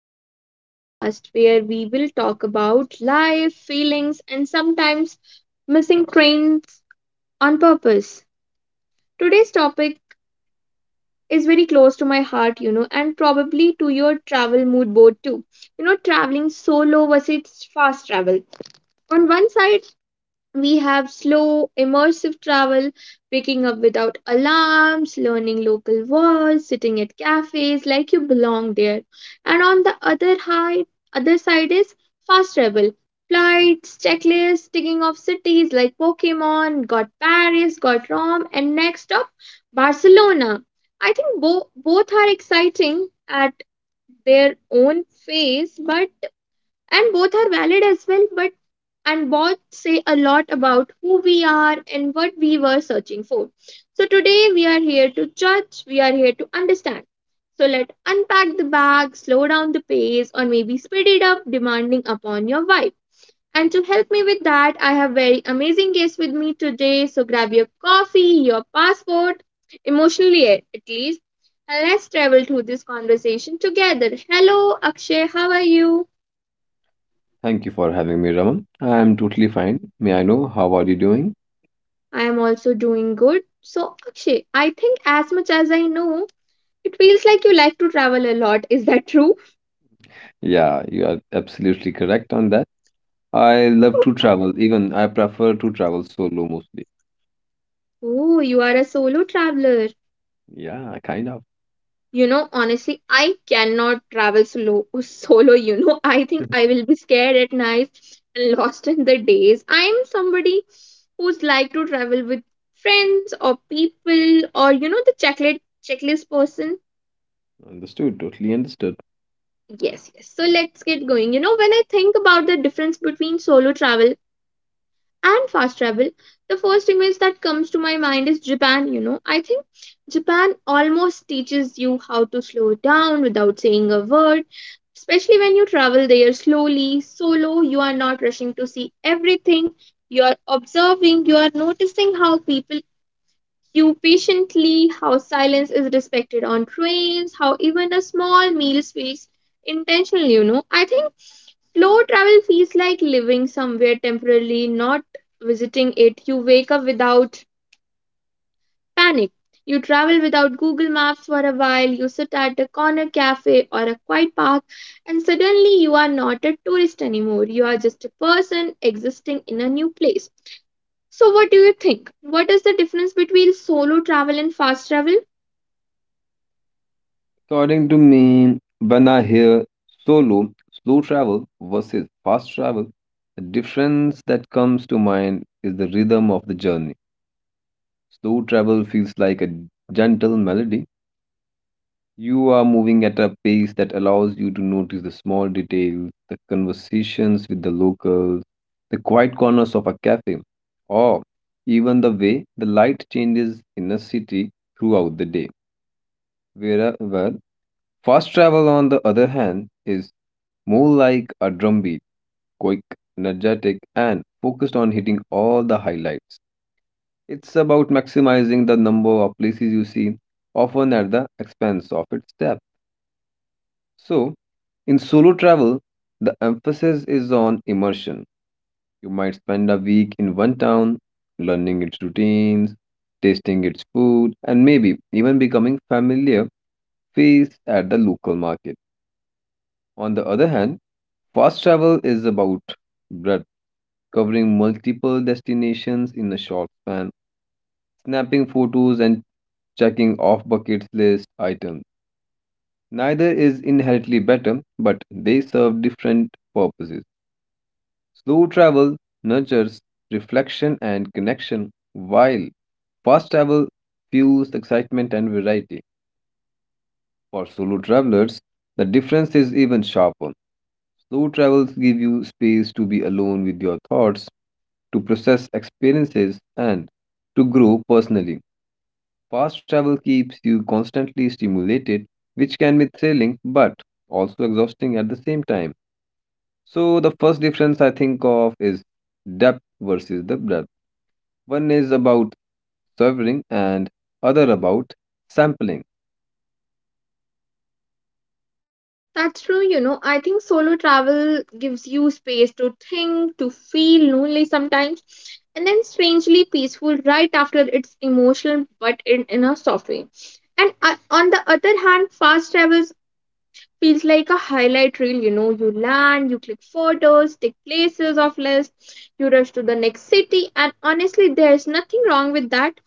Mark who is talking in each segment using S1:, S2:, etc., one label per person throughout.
S1: back to the podcast where we will talk about life, feelings, and sometimes missing trains on purpose. Today's topic is very close to my heart, and probably to your travel mood board too. Traveling solo versus fast travel. On one side, we have slow, immersive travel, waking up without alarms, learning local words, sitting at cafes like you belong there. And on the other side is fast travel. Flights, checklists, ticking off cities like Pokemon, got Paris, got Rome, and next up, Barcelona. I think both are exciting at their own pace, but and both are valid as well, but and both say a lot about who we are and what we were searching for. So today we are here to judge, we are here to understand. So let unpack the bag, slow down the pace or maybe speed it up, demanding upon your vibe. And to help me with that, I have very amazing guests with me today. So grab your coffee, your passport, emotionally at least, and let's travel through this conversation together. Hello, Akshay, how are you?
S2: Thank you for having me, Raman. I'm totally fine. May I know how are you doing?
S1: I am also doing good. So, Akshay, I think as much as I know, it feels like you like to travel a lot. Is that true?
S2: Yeah, you are absolutely correct on that. I love to travel. Even I prefer to travel solo mostly.
S1: Oh, you are a solo traveler.
S2: Yeah, kind of.
S1: You know, honestly, I cannot travel solo. I think I will be scared at night and lost in the days. I am somebody who's like to travel with friends or people, or you know, the checklist person.
S2: Understood, totally understood.
S1: Yes, yes. So let's get going. You know, when I think about the difference between solo travel and fast travel, the first image that comes to my mind is Japan. I think Japan almost teaches you how to slow down without saying a word. Especially when you travel there slowly solo, you are not rushing to see everything. You are observing, you are noticing how people queue patiently, how silence is respected on trains, how even a small meal feels intentional. I think slow travel feels like living somewhere temporarily, not visiting it. You wake up without panic. You travel without Google Maps for a while. You sit at a corner cafe or a quiet park, and suddenly you are not a tourist anymore. You are just a person existing in a new place. So, what do you think? What is the difference between solo travel and fast travel?
S2: According to me, when I hear solo, slow travel versus fast travel, the difference that comes to mind is the rhythm of the journey. Slow travel feels like a gentle melody. You are moving at a pace that allows you to notice the small details, the conversations with the locals, the quiet corners of a cafe, or even the way the light changes in a city throughout the day. Wherever fast travel, on the other hand, is more like a drumbeat, quick, energetic, and focused on hitting all the highlights. It's about maximizing the number of places you see, often at the expense of its depth. So, in solo travel, the emphasis is on immersion. You might spend a week in one town, learning its routines, tasting its food, and maybe even becoming familiar face at the local market. On the other hand, fast travel is about breadth, covering multiple destinations in a short span, snapping photos and checking off bucket list items. Neither is inherently better, but they serve different purposes. Slow travel nurtures reflection and connection, while fast travel fuels excitement and variety. For solo travelers, the difference is even sharper. Slow travels give you space to be alone with your thoughts, to process experiences, and to grow personally. Fast travel keeps you constantly stimulated, which can be thrilling but also exhausting at the same time. So, the first difference I think of is depth versus the breadth. One is about serving and other about sampling.
S1: That's true, you know. I think solo travel gives you space to think, to feel lonely sometimes, and then strangely peaceful right after. It's emotional but in, a soft way. And on the other hand, fast travels feels like a highlight reel, you know. You land, you click photos, take places off list, you rush to the next city, and honestly, there's nothing wrong with that.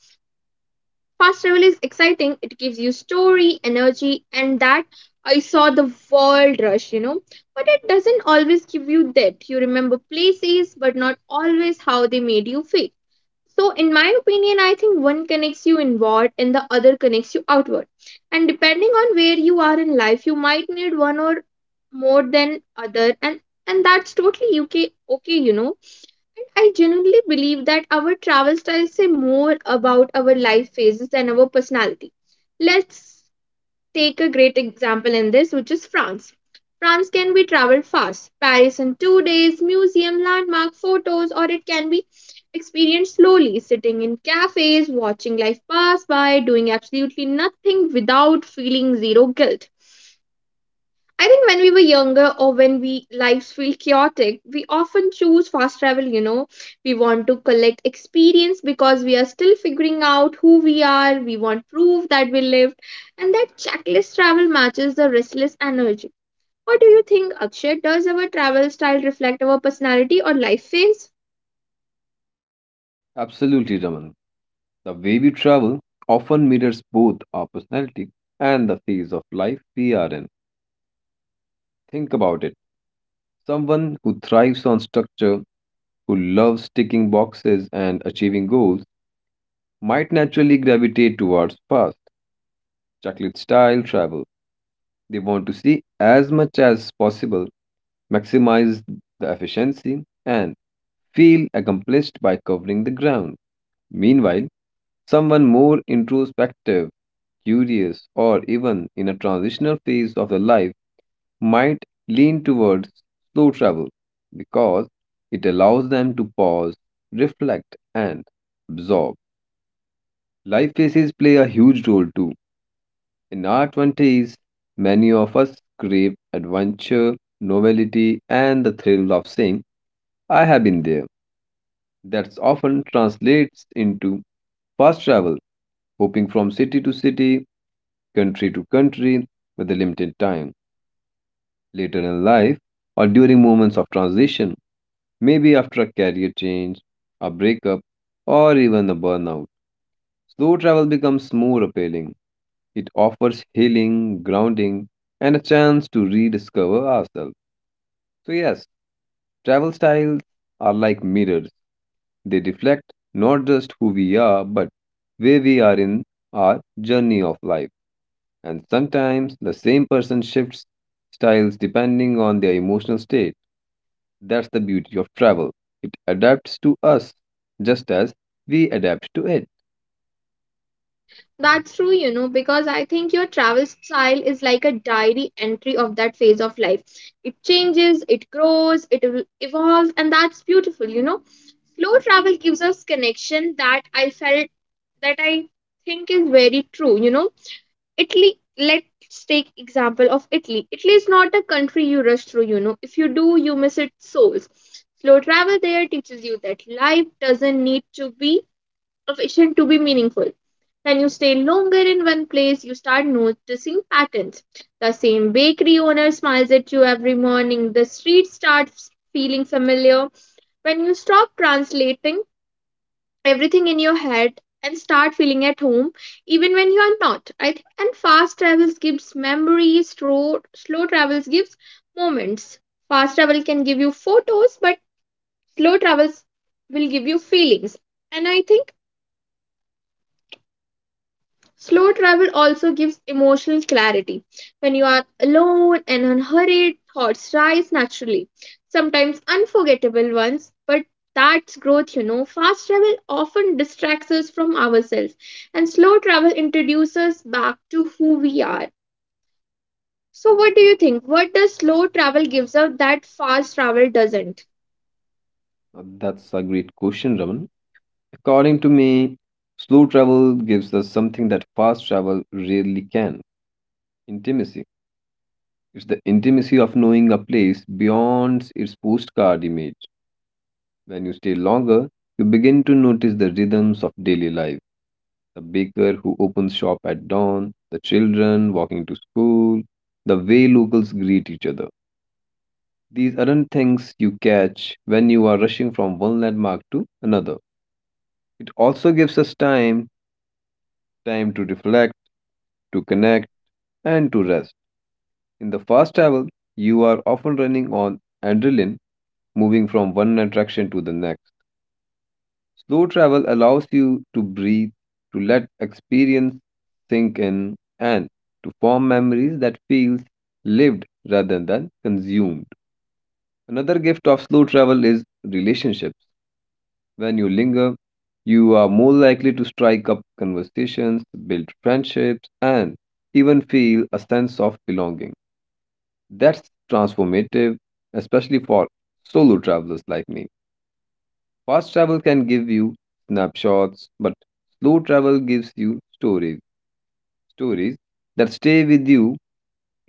S1: Fast travel is exciting. It gives you story, energy, and that I saw the world rush, you know. But it doesn't always give you depth. You remember places, but not always how they made you feel. So, in my opinion, I think one connects you inward and the other connects you outward. And depending on where you are in life, you might need one or more than other, and that's totally okay. Okay, you know. And I genuinely believe that our travel styles say more about our life phases than our personality. Let's take a great example in this, which is France. France can be traveled fast, Paris in 2 days, museum, landmark, photos, or it can be experienced slowly, sitting in cafes, watching life pass by, doing absolutely nothing without feeling zero guilt. I think when we were younger or when we lives feel chaotic, we often choose fast travel, you know. We want to collect experience because we are still figuring out who we are, we want proof that we lived, and that checklist travel matches the restless energy. What do you think, Akshay? Does our travel style reflect our personality or life phase?
S2: Absolutely, Raman. The way we travel often mirrors both our personality and the phase of life we are in. Think about it. Someone who thrives on structure, who loves ticking boxes and achieving goals, might naturally gravitate towards fast, chocolate style travel. They want to see as much as possible, maximize the efficiency, and feel accomplished by covering the ground. Meanwhile, someone more introspective, curious, or even in a transitional phase of their life might lean towards slow travel because it allows them to pause, reflect, and absorb. Life phases play a huge role too. In our 20s, many of us crave adventure, novelty, and the thrill of saying, I have been there. That often translates into fast travel hopping from city to city, country to country with a limited time. Later in life, or during moments of transition, maybe after a career change, a breakup, or even a burnout, slow travel becomes more appealing. It offers healing, grounding, and a chance to rediscover ourselves. So, yes, travel styles are like mirrors. They reflect not just who we are, but where we are in our journey of life. And sometimes the same person shifts styles depending on their emotional state. That's the beauty of travel. It adapts to us just as we adapt to it.
S1: That's true, you know, because I think your travel style is like a diary entry of that phase of life. It changes, it grows, it evolves, and that's beautiful, you know. Slow travel gives us connection that I felt, that I think is very true, you know. Italy, let's take example of Italy. Italy is not a country you rush through, you know. If you do, you miss its souls. Slow travel there teaches you that life doesn't need to be efficient to be meaningful. When you stay longer in one place, you start noticing patterns. The same bakery owner smiles at you every morning, the street starts feeling familiar, when you stop translating everything in your head and start feeling at home even when you are not. I think, and fast travels gives memories, slow travels gives moments. Fast travel can give you photos, but slow travels will give you feelings. And I think slow travel also gives emotional clarity. When you are alone and unhurried, thoughts rise naturally, sometimes unforgettable ones, but that's growth, you know. Fast travel often distracts us from ourselves, and slow travel introduces us back to who we are. So, what do you think? What does slow travel gives us that fast travel doesn't?
S2: Now, that's a great question, Raman. According to me, slow travel gives us something that fast travel rarely can: intimacy. It's the intimacy of knowing a place beyond its postcard image. When you stay longer, you begin to notice the rhythms of daily life, the baker who opens shop at dawn, the children walking to school, the way locals greet each other. These aren't things you catch when you are rushing from one landmark to another. It also gives us time, time to reflect, to connect, and to rest. In the fast travel, you are often running on adrenaline, moving from one attraction to the next. Slow travel allows you to breathe, to let experience sink in, and to form memories that feels lived rather than consumed. Another gift of slow travel is relationships. When you linger, you are more likely to strike up conversations, build friendships, and even feel a sense of belonging. That's transformative, especially for solo travelers like me. Fast travel can give you snapshots, but slow travel gives you stories, stories that stay with you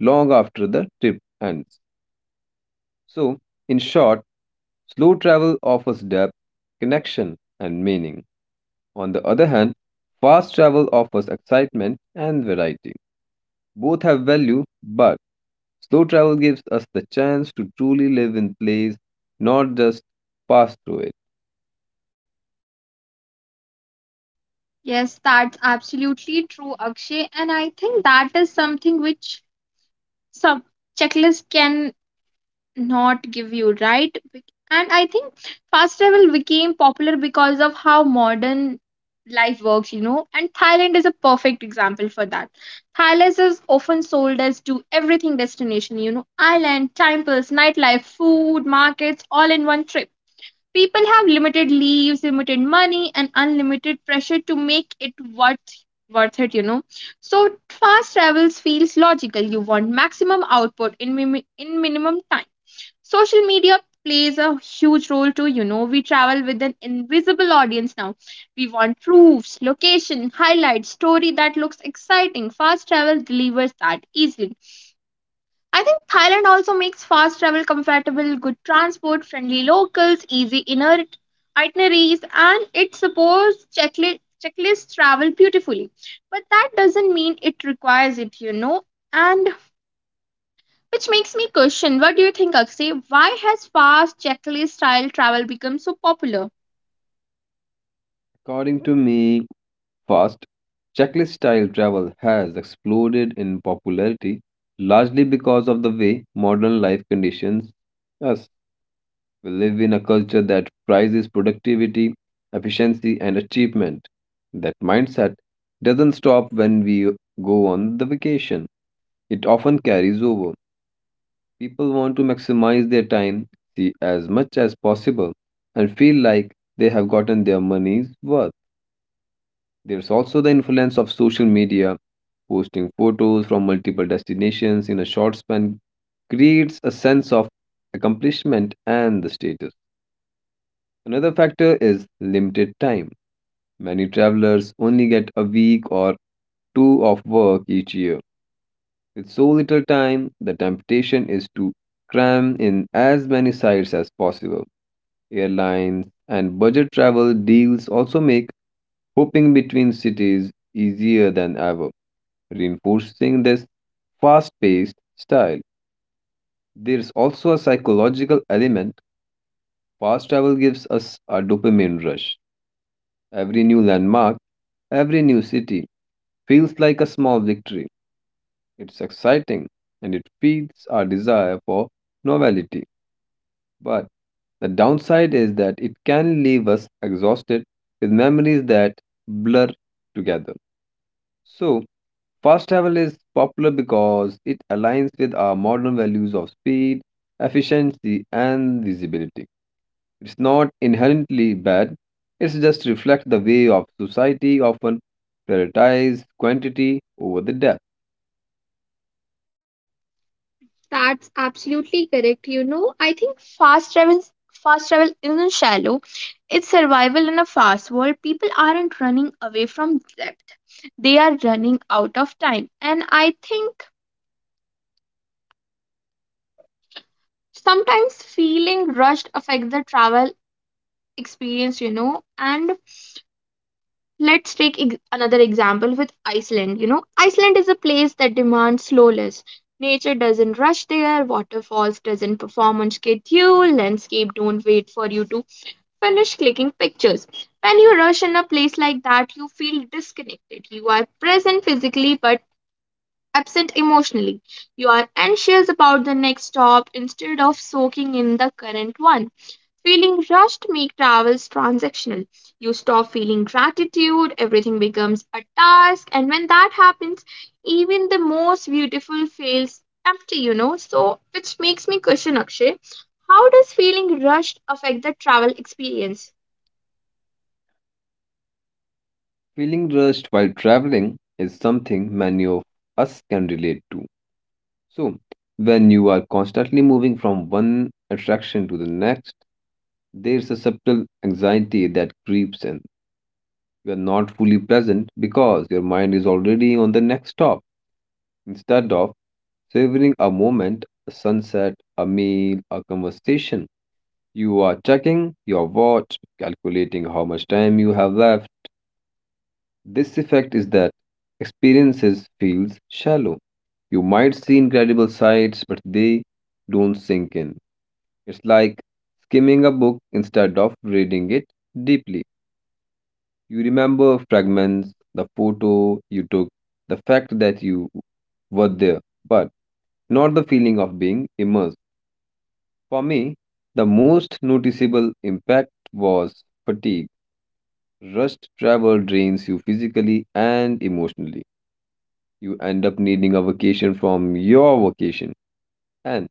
S2: long after the trip ends. So, in short, slow travel offers depth, connection, and meaning. On the other hand, fast travel offers excitement and variety. Both have value, but slow travel gives us the chance to truly live in place, not just pass through it.
S1: Yes, that's absolutely true, Akshay. And I think that is something which some checklists can not give you, right? And I think fast travel became popular because of how modern life works, you know. And Thailand is a perfect example for that. Thailand is often sold as do everything destination, you know. Island, temples, nightlife, food markets, all in one trip. People have limited leaves, limited money, and unlimited pressure to make it worth it, you know. So fast travels feels logical. You want maximum output in minimum time. Social media plays a huge role too, you know. We travel with an invisible audience now. We want proofs, location, highlights, story that looks exciting. Fast travel delivers that easily. I think Thailand also makes fast travel comfortable. Good transport, friendly locals, easy inner itineraries, and it supports checklist travel beautifully. But that doesn't mean it requires it, you know. And which makes me question, what do you think, Akshay? Why has fast checklist style travel become so popular?
S2: According to me, first, checklist style travel has exploded in popularity largely because of the way modern life conditions us. We live in a culture that prizes productivity, efficiency, and achievement. That mindset doesn't stop when we go on the vacation. It often carries over. People want to maximize their time, see as much as possible, and feel like they have gotten their money's worth. There's also the influence of social media. Posting photos from multiple destinations in a short span creates a sense of accomplishment and the status. Another factor is limited time. Many travelers only get a week or two of work each year. With so little time, the temptation is to cram in as many sites as possible. Airlines and budget travel deals also make hopping between cities easier than ever, reinforcing this fast paced style. There's also a psychological element. Fast travel gives us a dopamine rush. Every new landmark, every new city feels like a small victory. It's exciting and it feeds our desire for novelty. But the downside is that it can leave us exhausted with memories that blur together. So, fast travel is popular because it aligns with our modern values of speed, efficiency, and visibility. It's not inherently bad, it's just reflects the way of society often prioritize quantity over the depth.
S1: That's absolutely correct. You know, I think fast travel isn't shallow, it's survival in a fast world. People aren't running away from depth, they are running out of time. And I think sometimes feeling rushed affects the travel experience, you know. And let's take another example with Iceland. You know, Iceland is a place that demands slowness. Nature doesn't rush there, waterfalls doesn't perform on schedule, landscape don't wait for you to finish clicking pictures. When you rush in a place like that, you feel disconnected. You are present physically but absent emotionally. You are anxious about the next stop instead of soaking in the current one. Feeling rushed make travels transactional. You stop feeling gratitude, everything becomes a task, and when that happens, even the most beautiful feels empty, you know. So, which makes me question, Akshay, how does feeling rushed affect the travel experience?
S2: Feeling rushed while traveling is something many of us can relate to. So, when you are constantly moving from one attraction to the next, there's a subtle anxiety that creeps in. You are not fully present because your mind is already on the next stop. Instead of savoring a moment, a sunset, a meal, a conversation, you are checking your watch, calculating how much time you have left. This effect is that experiences feels shallow. You might see incredible sights, but they don't sink in. It's like skimming a book instead of reading it deeply. You remember fragments, the photo you took, the fact that you were there, but not the feeling of being immersed. For me, the most noticeable impact was fatigue. Rushed travel drains you physically and emotionally. You end up needing a vacation from your vacation. And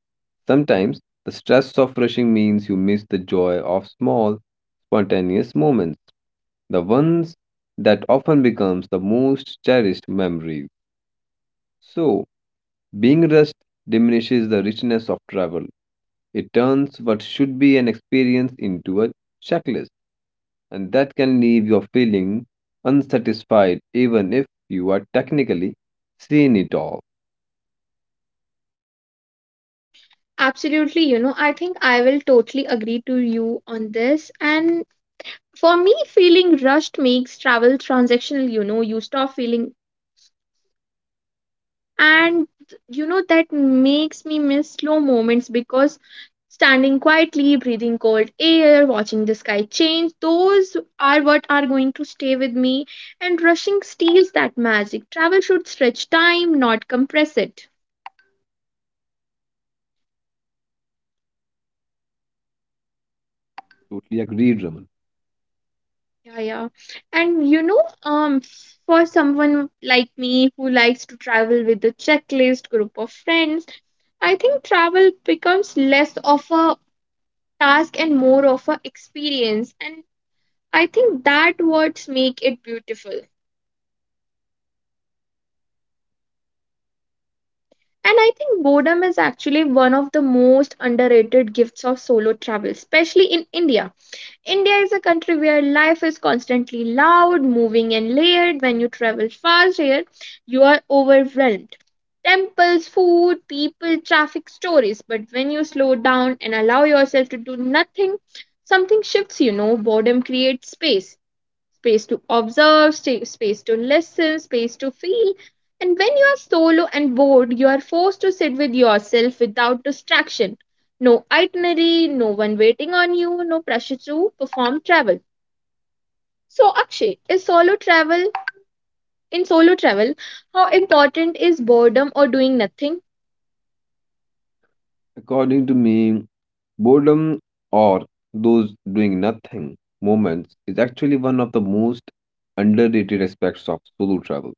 S2: sometimes the stress of rushing means you miss the joy of small, spontaneous moments, the ones that often becomes the most cherished memories. So, being rushed diminishes the richness of travel. It turns what should be an experience into a checklist, and that can leave you feeling unsatisfied even if you are technically seen it all.
S1: Absolutely, you know, I think I will totally agree to you on this. And for me, feeling rushed makes travel transactional, you know, you stop feeling. And you know, that makes me miss slow moments, because standing quietly, breathing cold air, watching the sky change, those are what are going to stay with me. And rushing steals that magic. Travel should stretch time, not compress it.
S2: Totally agreed, Raman.
S1: Yeah, yeah. And you know, for someone like me who likes to travel with a checklist group of friends, I think travel becomes less of a task and more of a experience. And I think that words make it beautiful. And I think boredom is actually one of the most underrated gifts of solo travel, especially in India. India is a country where life is constantly loud, moving, and layered. When you travel fast here, you are overwhelmed. Temples, food, people, traffic, stories. But when you slow down and allow yourself to do nothing, something shifts, you know. Boredom creates space to observe, space to listen, space to feel. And when you are solo and bored, you are forced to sit with yourself without distraction. No itinerary, no one waiting on you, no pressure to perform travel. So, Akshay, is solo travel in solo travel? How important is boredom or doing nothing?
S2: According to me, boredom or those doing nothing moments is actually one of the most underrated aspects of solo travel.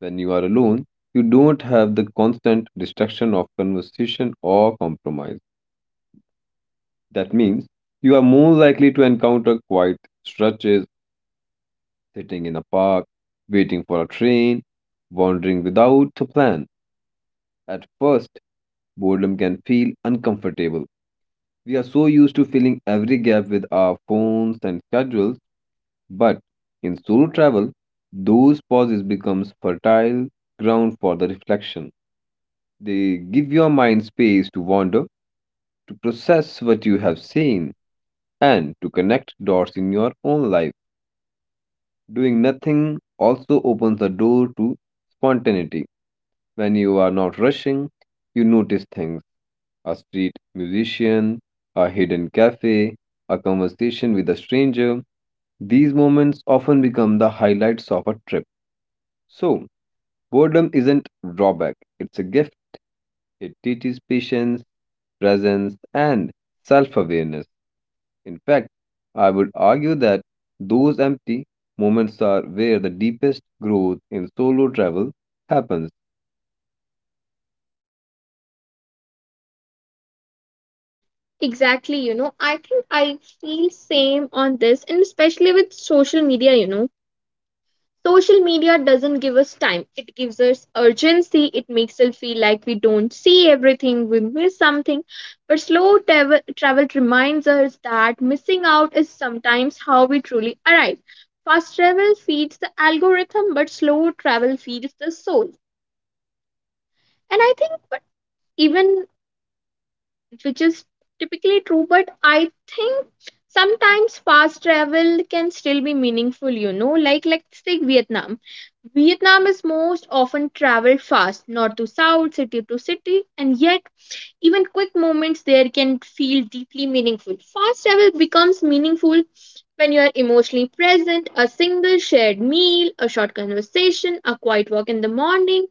S2: When you are alone, you don't have the constant distraction of conversation or compromise. That means you are more likely to encounter quiet stretches, sitting in a park, waiting for a train, wandering without a plan. At first, boredom can feel uncomfortable. We are so used to filling every gap with our phones and schedules, but in solo travel, those pauses becomes fertile ground for the reflection. They give your mind space to wander, to process what you have seen, and to connect dots in your own life. Doing nothing also opens the door to spontaneity. When you are not rushing, you notice things: a street musician, a hidden cafe, a conversation with a stranger. These moments often become the highlights of a trip. So, boredom isn't drawback, it's a gift. It teaches patience, presence, and self awareness. In fact, I would argue that those empty moments are where the deepest growth in solo travel happens.
S1: Exactly, you know, I think I feel same on this, and especially with social media, you know. Social media doesn't give us time. It gives us urgency. It makes us feel like we don't see everything, we miss something. But slow travel reminds us that missing out is sometimes how we truly arrive. Fast travel feeds the algorithm, but slow travel feeds the soul. And I think, but even which is typically true, but I think Sometimes fast travel can still be meaningful, you know like us take Vietnam. Vietnam is most often traveled fast, north to south, city to city, and yet even quick moments there can feel deeply meaningful. Fast travel becomes meaningful when you are emotionally present: a single shared meal, a short conversation, a quiet walk in the morning.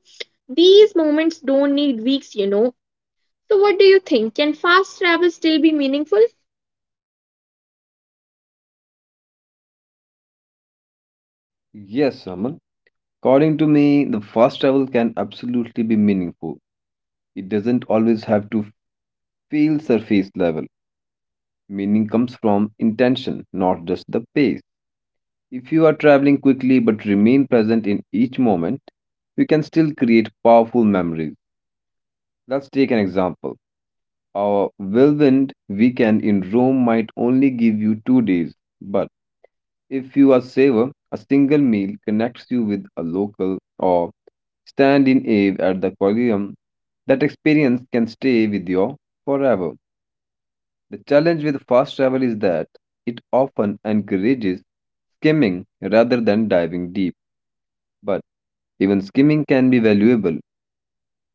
S1: These moments don't need weeks. So, what do you think? Can fast travel still be meaningful?
S2: Yes, Raman. According to me, the fast travel can absolutely be meaningful. It doesn't always have to feel surface level. Meaning comes from intention, not just the pace. If you are traveling quickly but remain present in each moment, you can still create powerful memories. Let's take an example. Our whirlwind weekend in Rome might only give you 2 days, but if you are saver, a single meal connects you with a local or stand in Ave at the Colosseum. That experience can stay with you forever. The challenge with fast travel is that it often encourages skimming rather than diving deep, but even skimming can be valuable.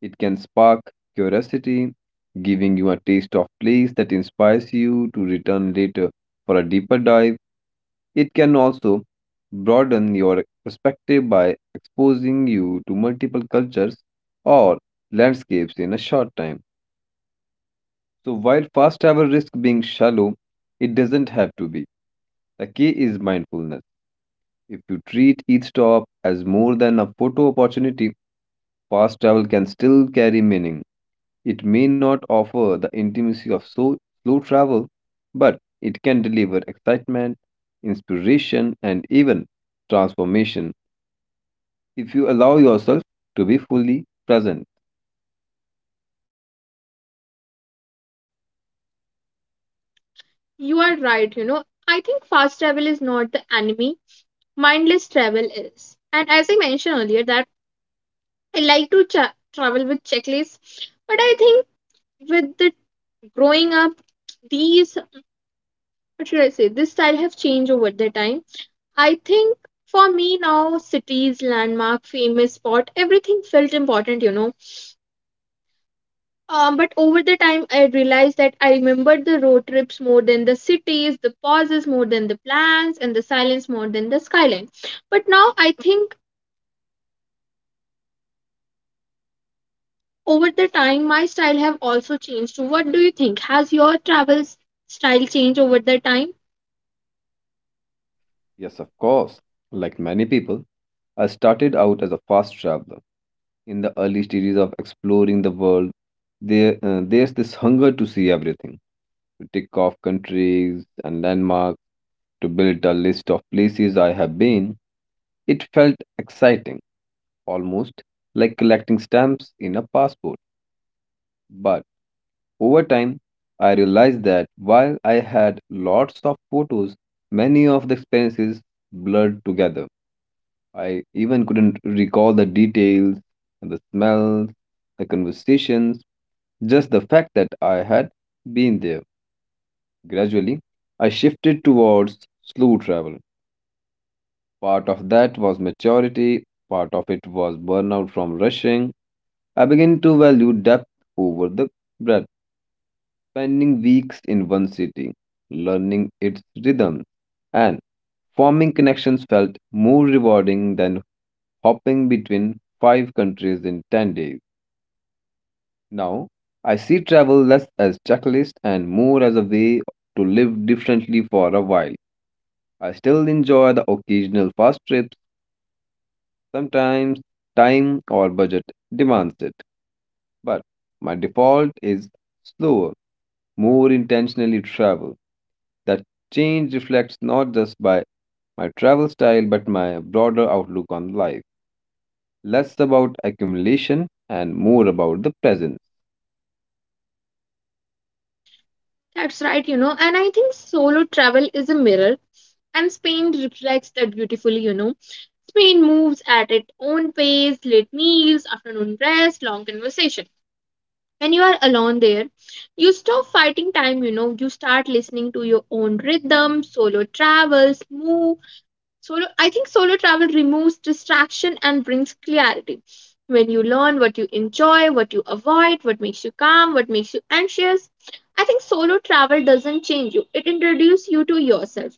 S2: It can spark curiosity, giving you a taste of place that inspires you to return later for a deeper dive. It can also broaden your perspective by exposing you to multiple cultures or landscapes in a short time. So while fast travel risks being shallow, it doesn't have to be. The key is mindfulness. If you treat each stop as more than a photo opportunity, fast travel can still carry meaning. It may not offer the intimacy of slow travel, but it can deliver excitement, inspiration, and even transformation if you allow yourself to be fully present.
S1: You are right. I think fast travel is not the enemy, mindless travel is. And as I mentioned earlier, that I like to travel with checklists, but I think with the growing up, these, what should I say? This style have changed over the time. I think for me now, cities, landmark, famous spot, everything felt important. But over the time, I realized that I remembered the road trips more than the cities, the pauses more than the plans, and the silence more than the skyline. But now I think, over the time, my style have also changed. What do you think? Has your travel style changed over the time?
S2: Yes, of course. Like many people, I started out as a fast traveler. In the early stages of exploring the world, there's this hunger to see everything, to tick off countries and landmarks, to build a list of places I have been. It felt exciting, almost like collecting stamps in a passport. But over time, I realized that while I had lots of photos, many of the experiences blurred together. I even couldn't recall the details and the smells, the conversations, just the fact that I had been there. Gradually, I shifted towards slow travel. Part of that was maturity, part of it was burnout from rushing. I began to value depth over the breadth, spending weeks in one city, learning its rhythm, and forming connections felt more rewarding than hopping between five countries in 10 days. Now, I see travel less as checklist and more as a way to live differently for a while. I still enjoy the occasional fast trips, sometimes time or budget demands it, but my default is slower, more intentionally travel. That change reflects not just by my travel style but my broader outlook on life. Less about accumulation and more about the present.
S1: That's right. And I think solo travel is a mirror, and Spain reflects that beautifully. Spain moves at its own pace, late meals, afternoon rest, long conversation. When you are alone there, you stop fighting time, you know, you start listening to your own rhythm. Solo, I think solo travel removes distraction and brings clarity. When you learn what you enjoy, what you avoid, what makes you calm, what makes you anxious, I think solo travel doesn't change you, it introduces you to yourself.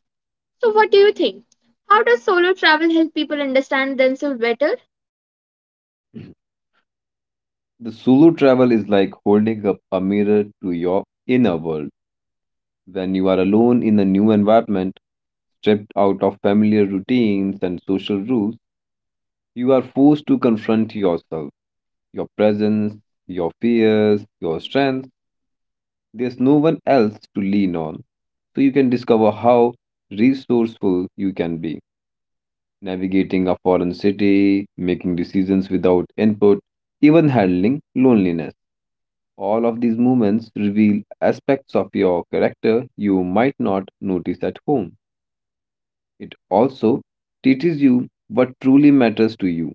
S1: So what do you think? How does solo travel help people understand themselves better?
S2: The solo travel is like holding up a mirror to your inner world. When you are alone in a new environment, stripped out of familiar routines and social rules, you are forced to confront yourself, your presence, your fears, your strengths. There's no one else to lean on. So you can discover how resourceful you can be. Navigating a foreign city, making decisions without input, even handling loneliness. All of these movements reveal aspects of your character you might not notice at home. It also teaches you what truly matters to you.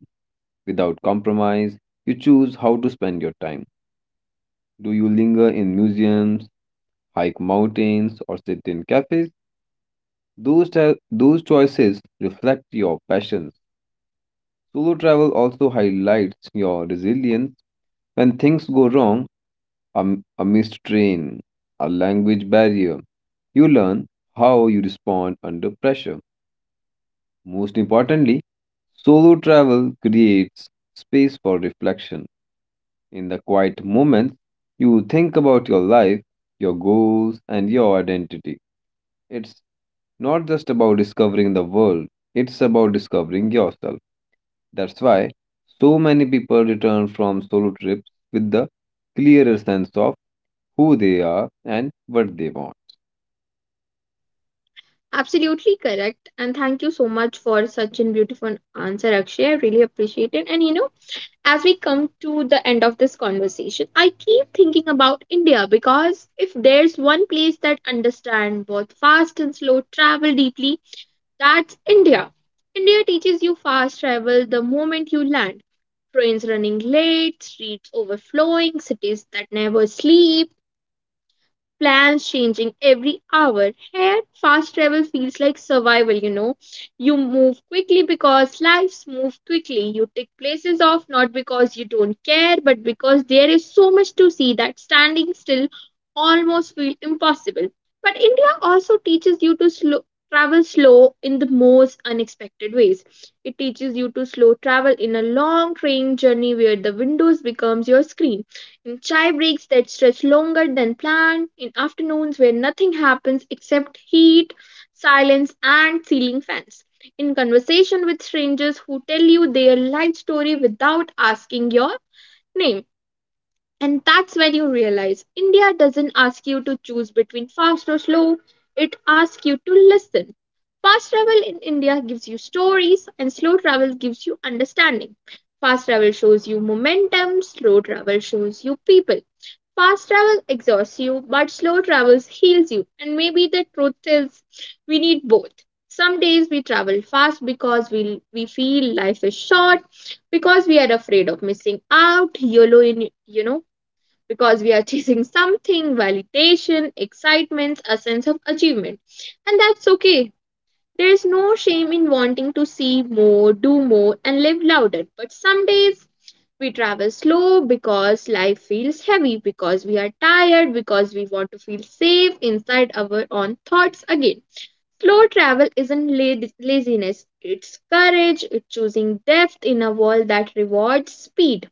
S2: Without compromise, you choose how to spend your time. Do you linger in museums, hike mountains, or sit in cafes? Those choices reflect your passions. Solo travel also highlights your resilience. When things go wrong, a, a missed train, a language barrier. You learn how you respond under pressure. Most importantly, solo travel creates space for reflection. In the quiet moments, you think about your life, your goals, and your identity. It's not just about discovering the world, it's about discovering yourself. That's why so many people return from solo trips with the clearer sense of who they are and what they want.
S1: Absolutely correct, and thank you so much for such a beautiful answer, Akshay. I really appreciate it. And you know, as we come to the end of this conversation, I keep thinking about India, because if there's one place that understands both fast and slow travel deeply, that's India. India teaches you fast travel the moment you land. Trains running late, streets overflowing, cities that never sleep, plans changing every hour. Here, fast travel feels like survival, you know. You move quickly because lives move quickly. You take places off not because you don't care, but because there is so much to see that standing still almost feels impossible. But India also teaches you to slow, travel slow in the most unexpected ways. It teaches you to slow travel in a long train journey where the windows becomes your screen, in chai breaks that stretch longer than planned, in afternoons where nothing happens except heat, silence, and ceiling fans, in conversation with strangers who tell you their life story without asking your name. And that's when you realize India doesn't ask you to choose between fast or slow, it asks you to listen. Fast travel in India gives you stories, and slow travel gives you understanding. Fast travel shows you momentum, slow travel shows you people. Fast travel exhausts you, but slow travel heals you. And maybe the truth is, we need both. Some days we travel fast because we feel life is short, because we are afraid of missing out, YOLO in, you know, because we are chasing something: validation, excitement, a sense of achievement. And that's okay. There is no shame in wanting to see more, do more, and live louder. But some days we travel slow because life feels heavy, because we are tired, because we want to feel safe inside our own thoughts again. Slow travel isn't laziness, it's courage, it's choosing depth in a world that rewards speed.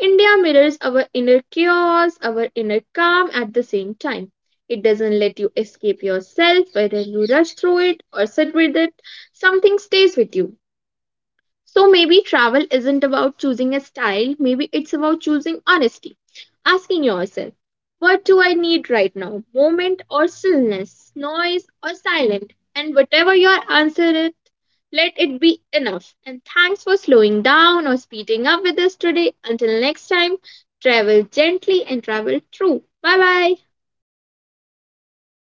S1: India mirrors our inner chaos, our inner calm at the same time. It doesn't let you escape yourself. Whether you rush through it or sit with it, something stays with you. So maybe travel isn't about choosing a style, maybe it's about choosing honesty. Asking yourself, what do I need right now? Moment or stillness, noise or silent? And whatever your answer is, let it be enough. And thanks for slowing down or speeding up with us today. Until next time, travel gently and travel true. Bye bye.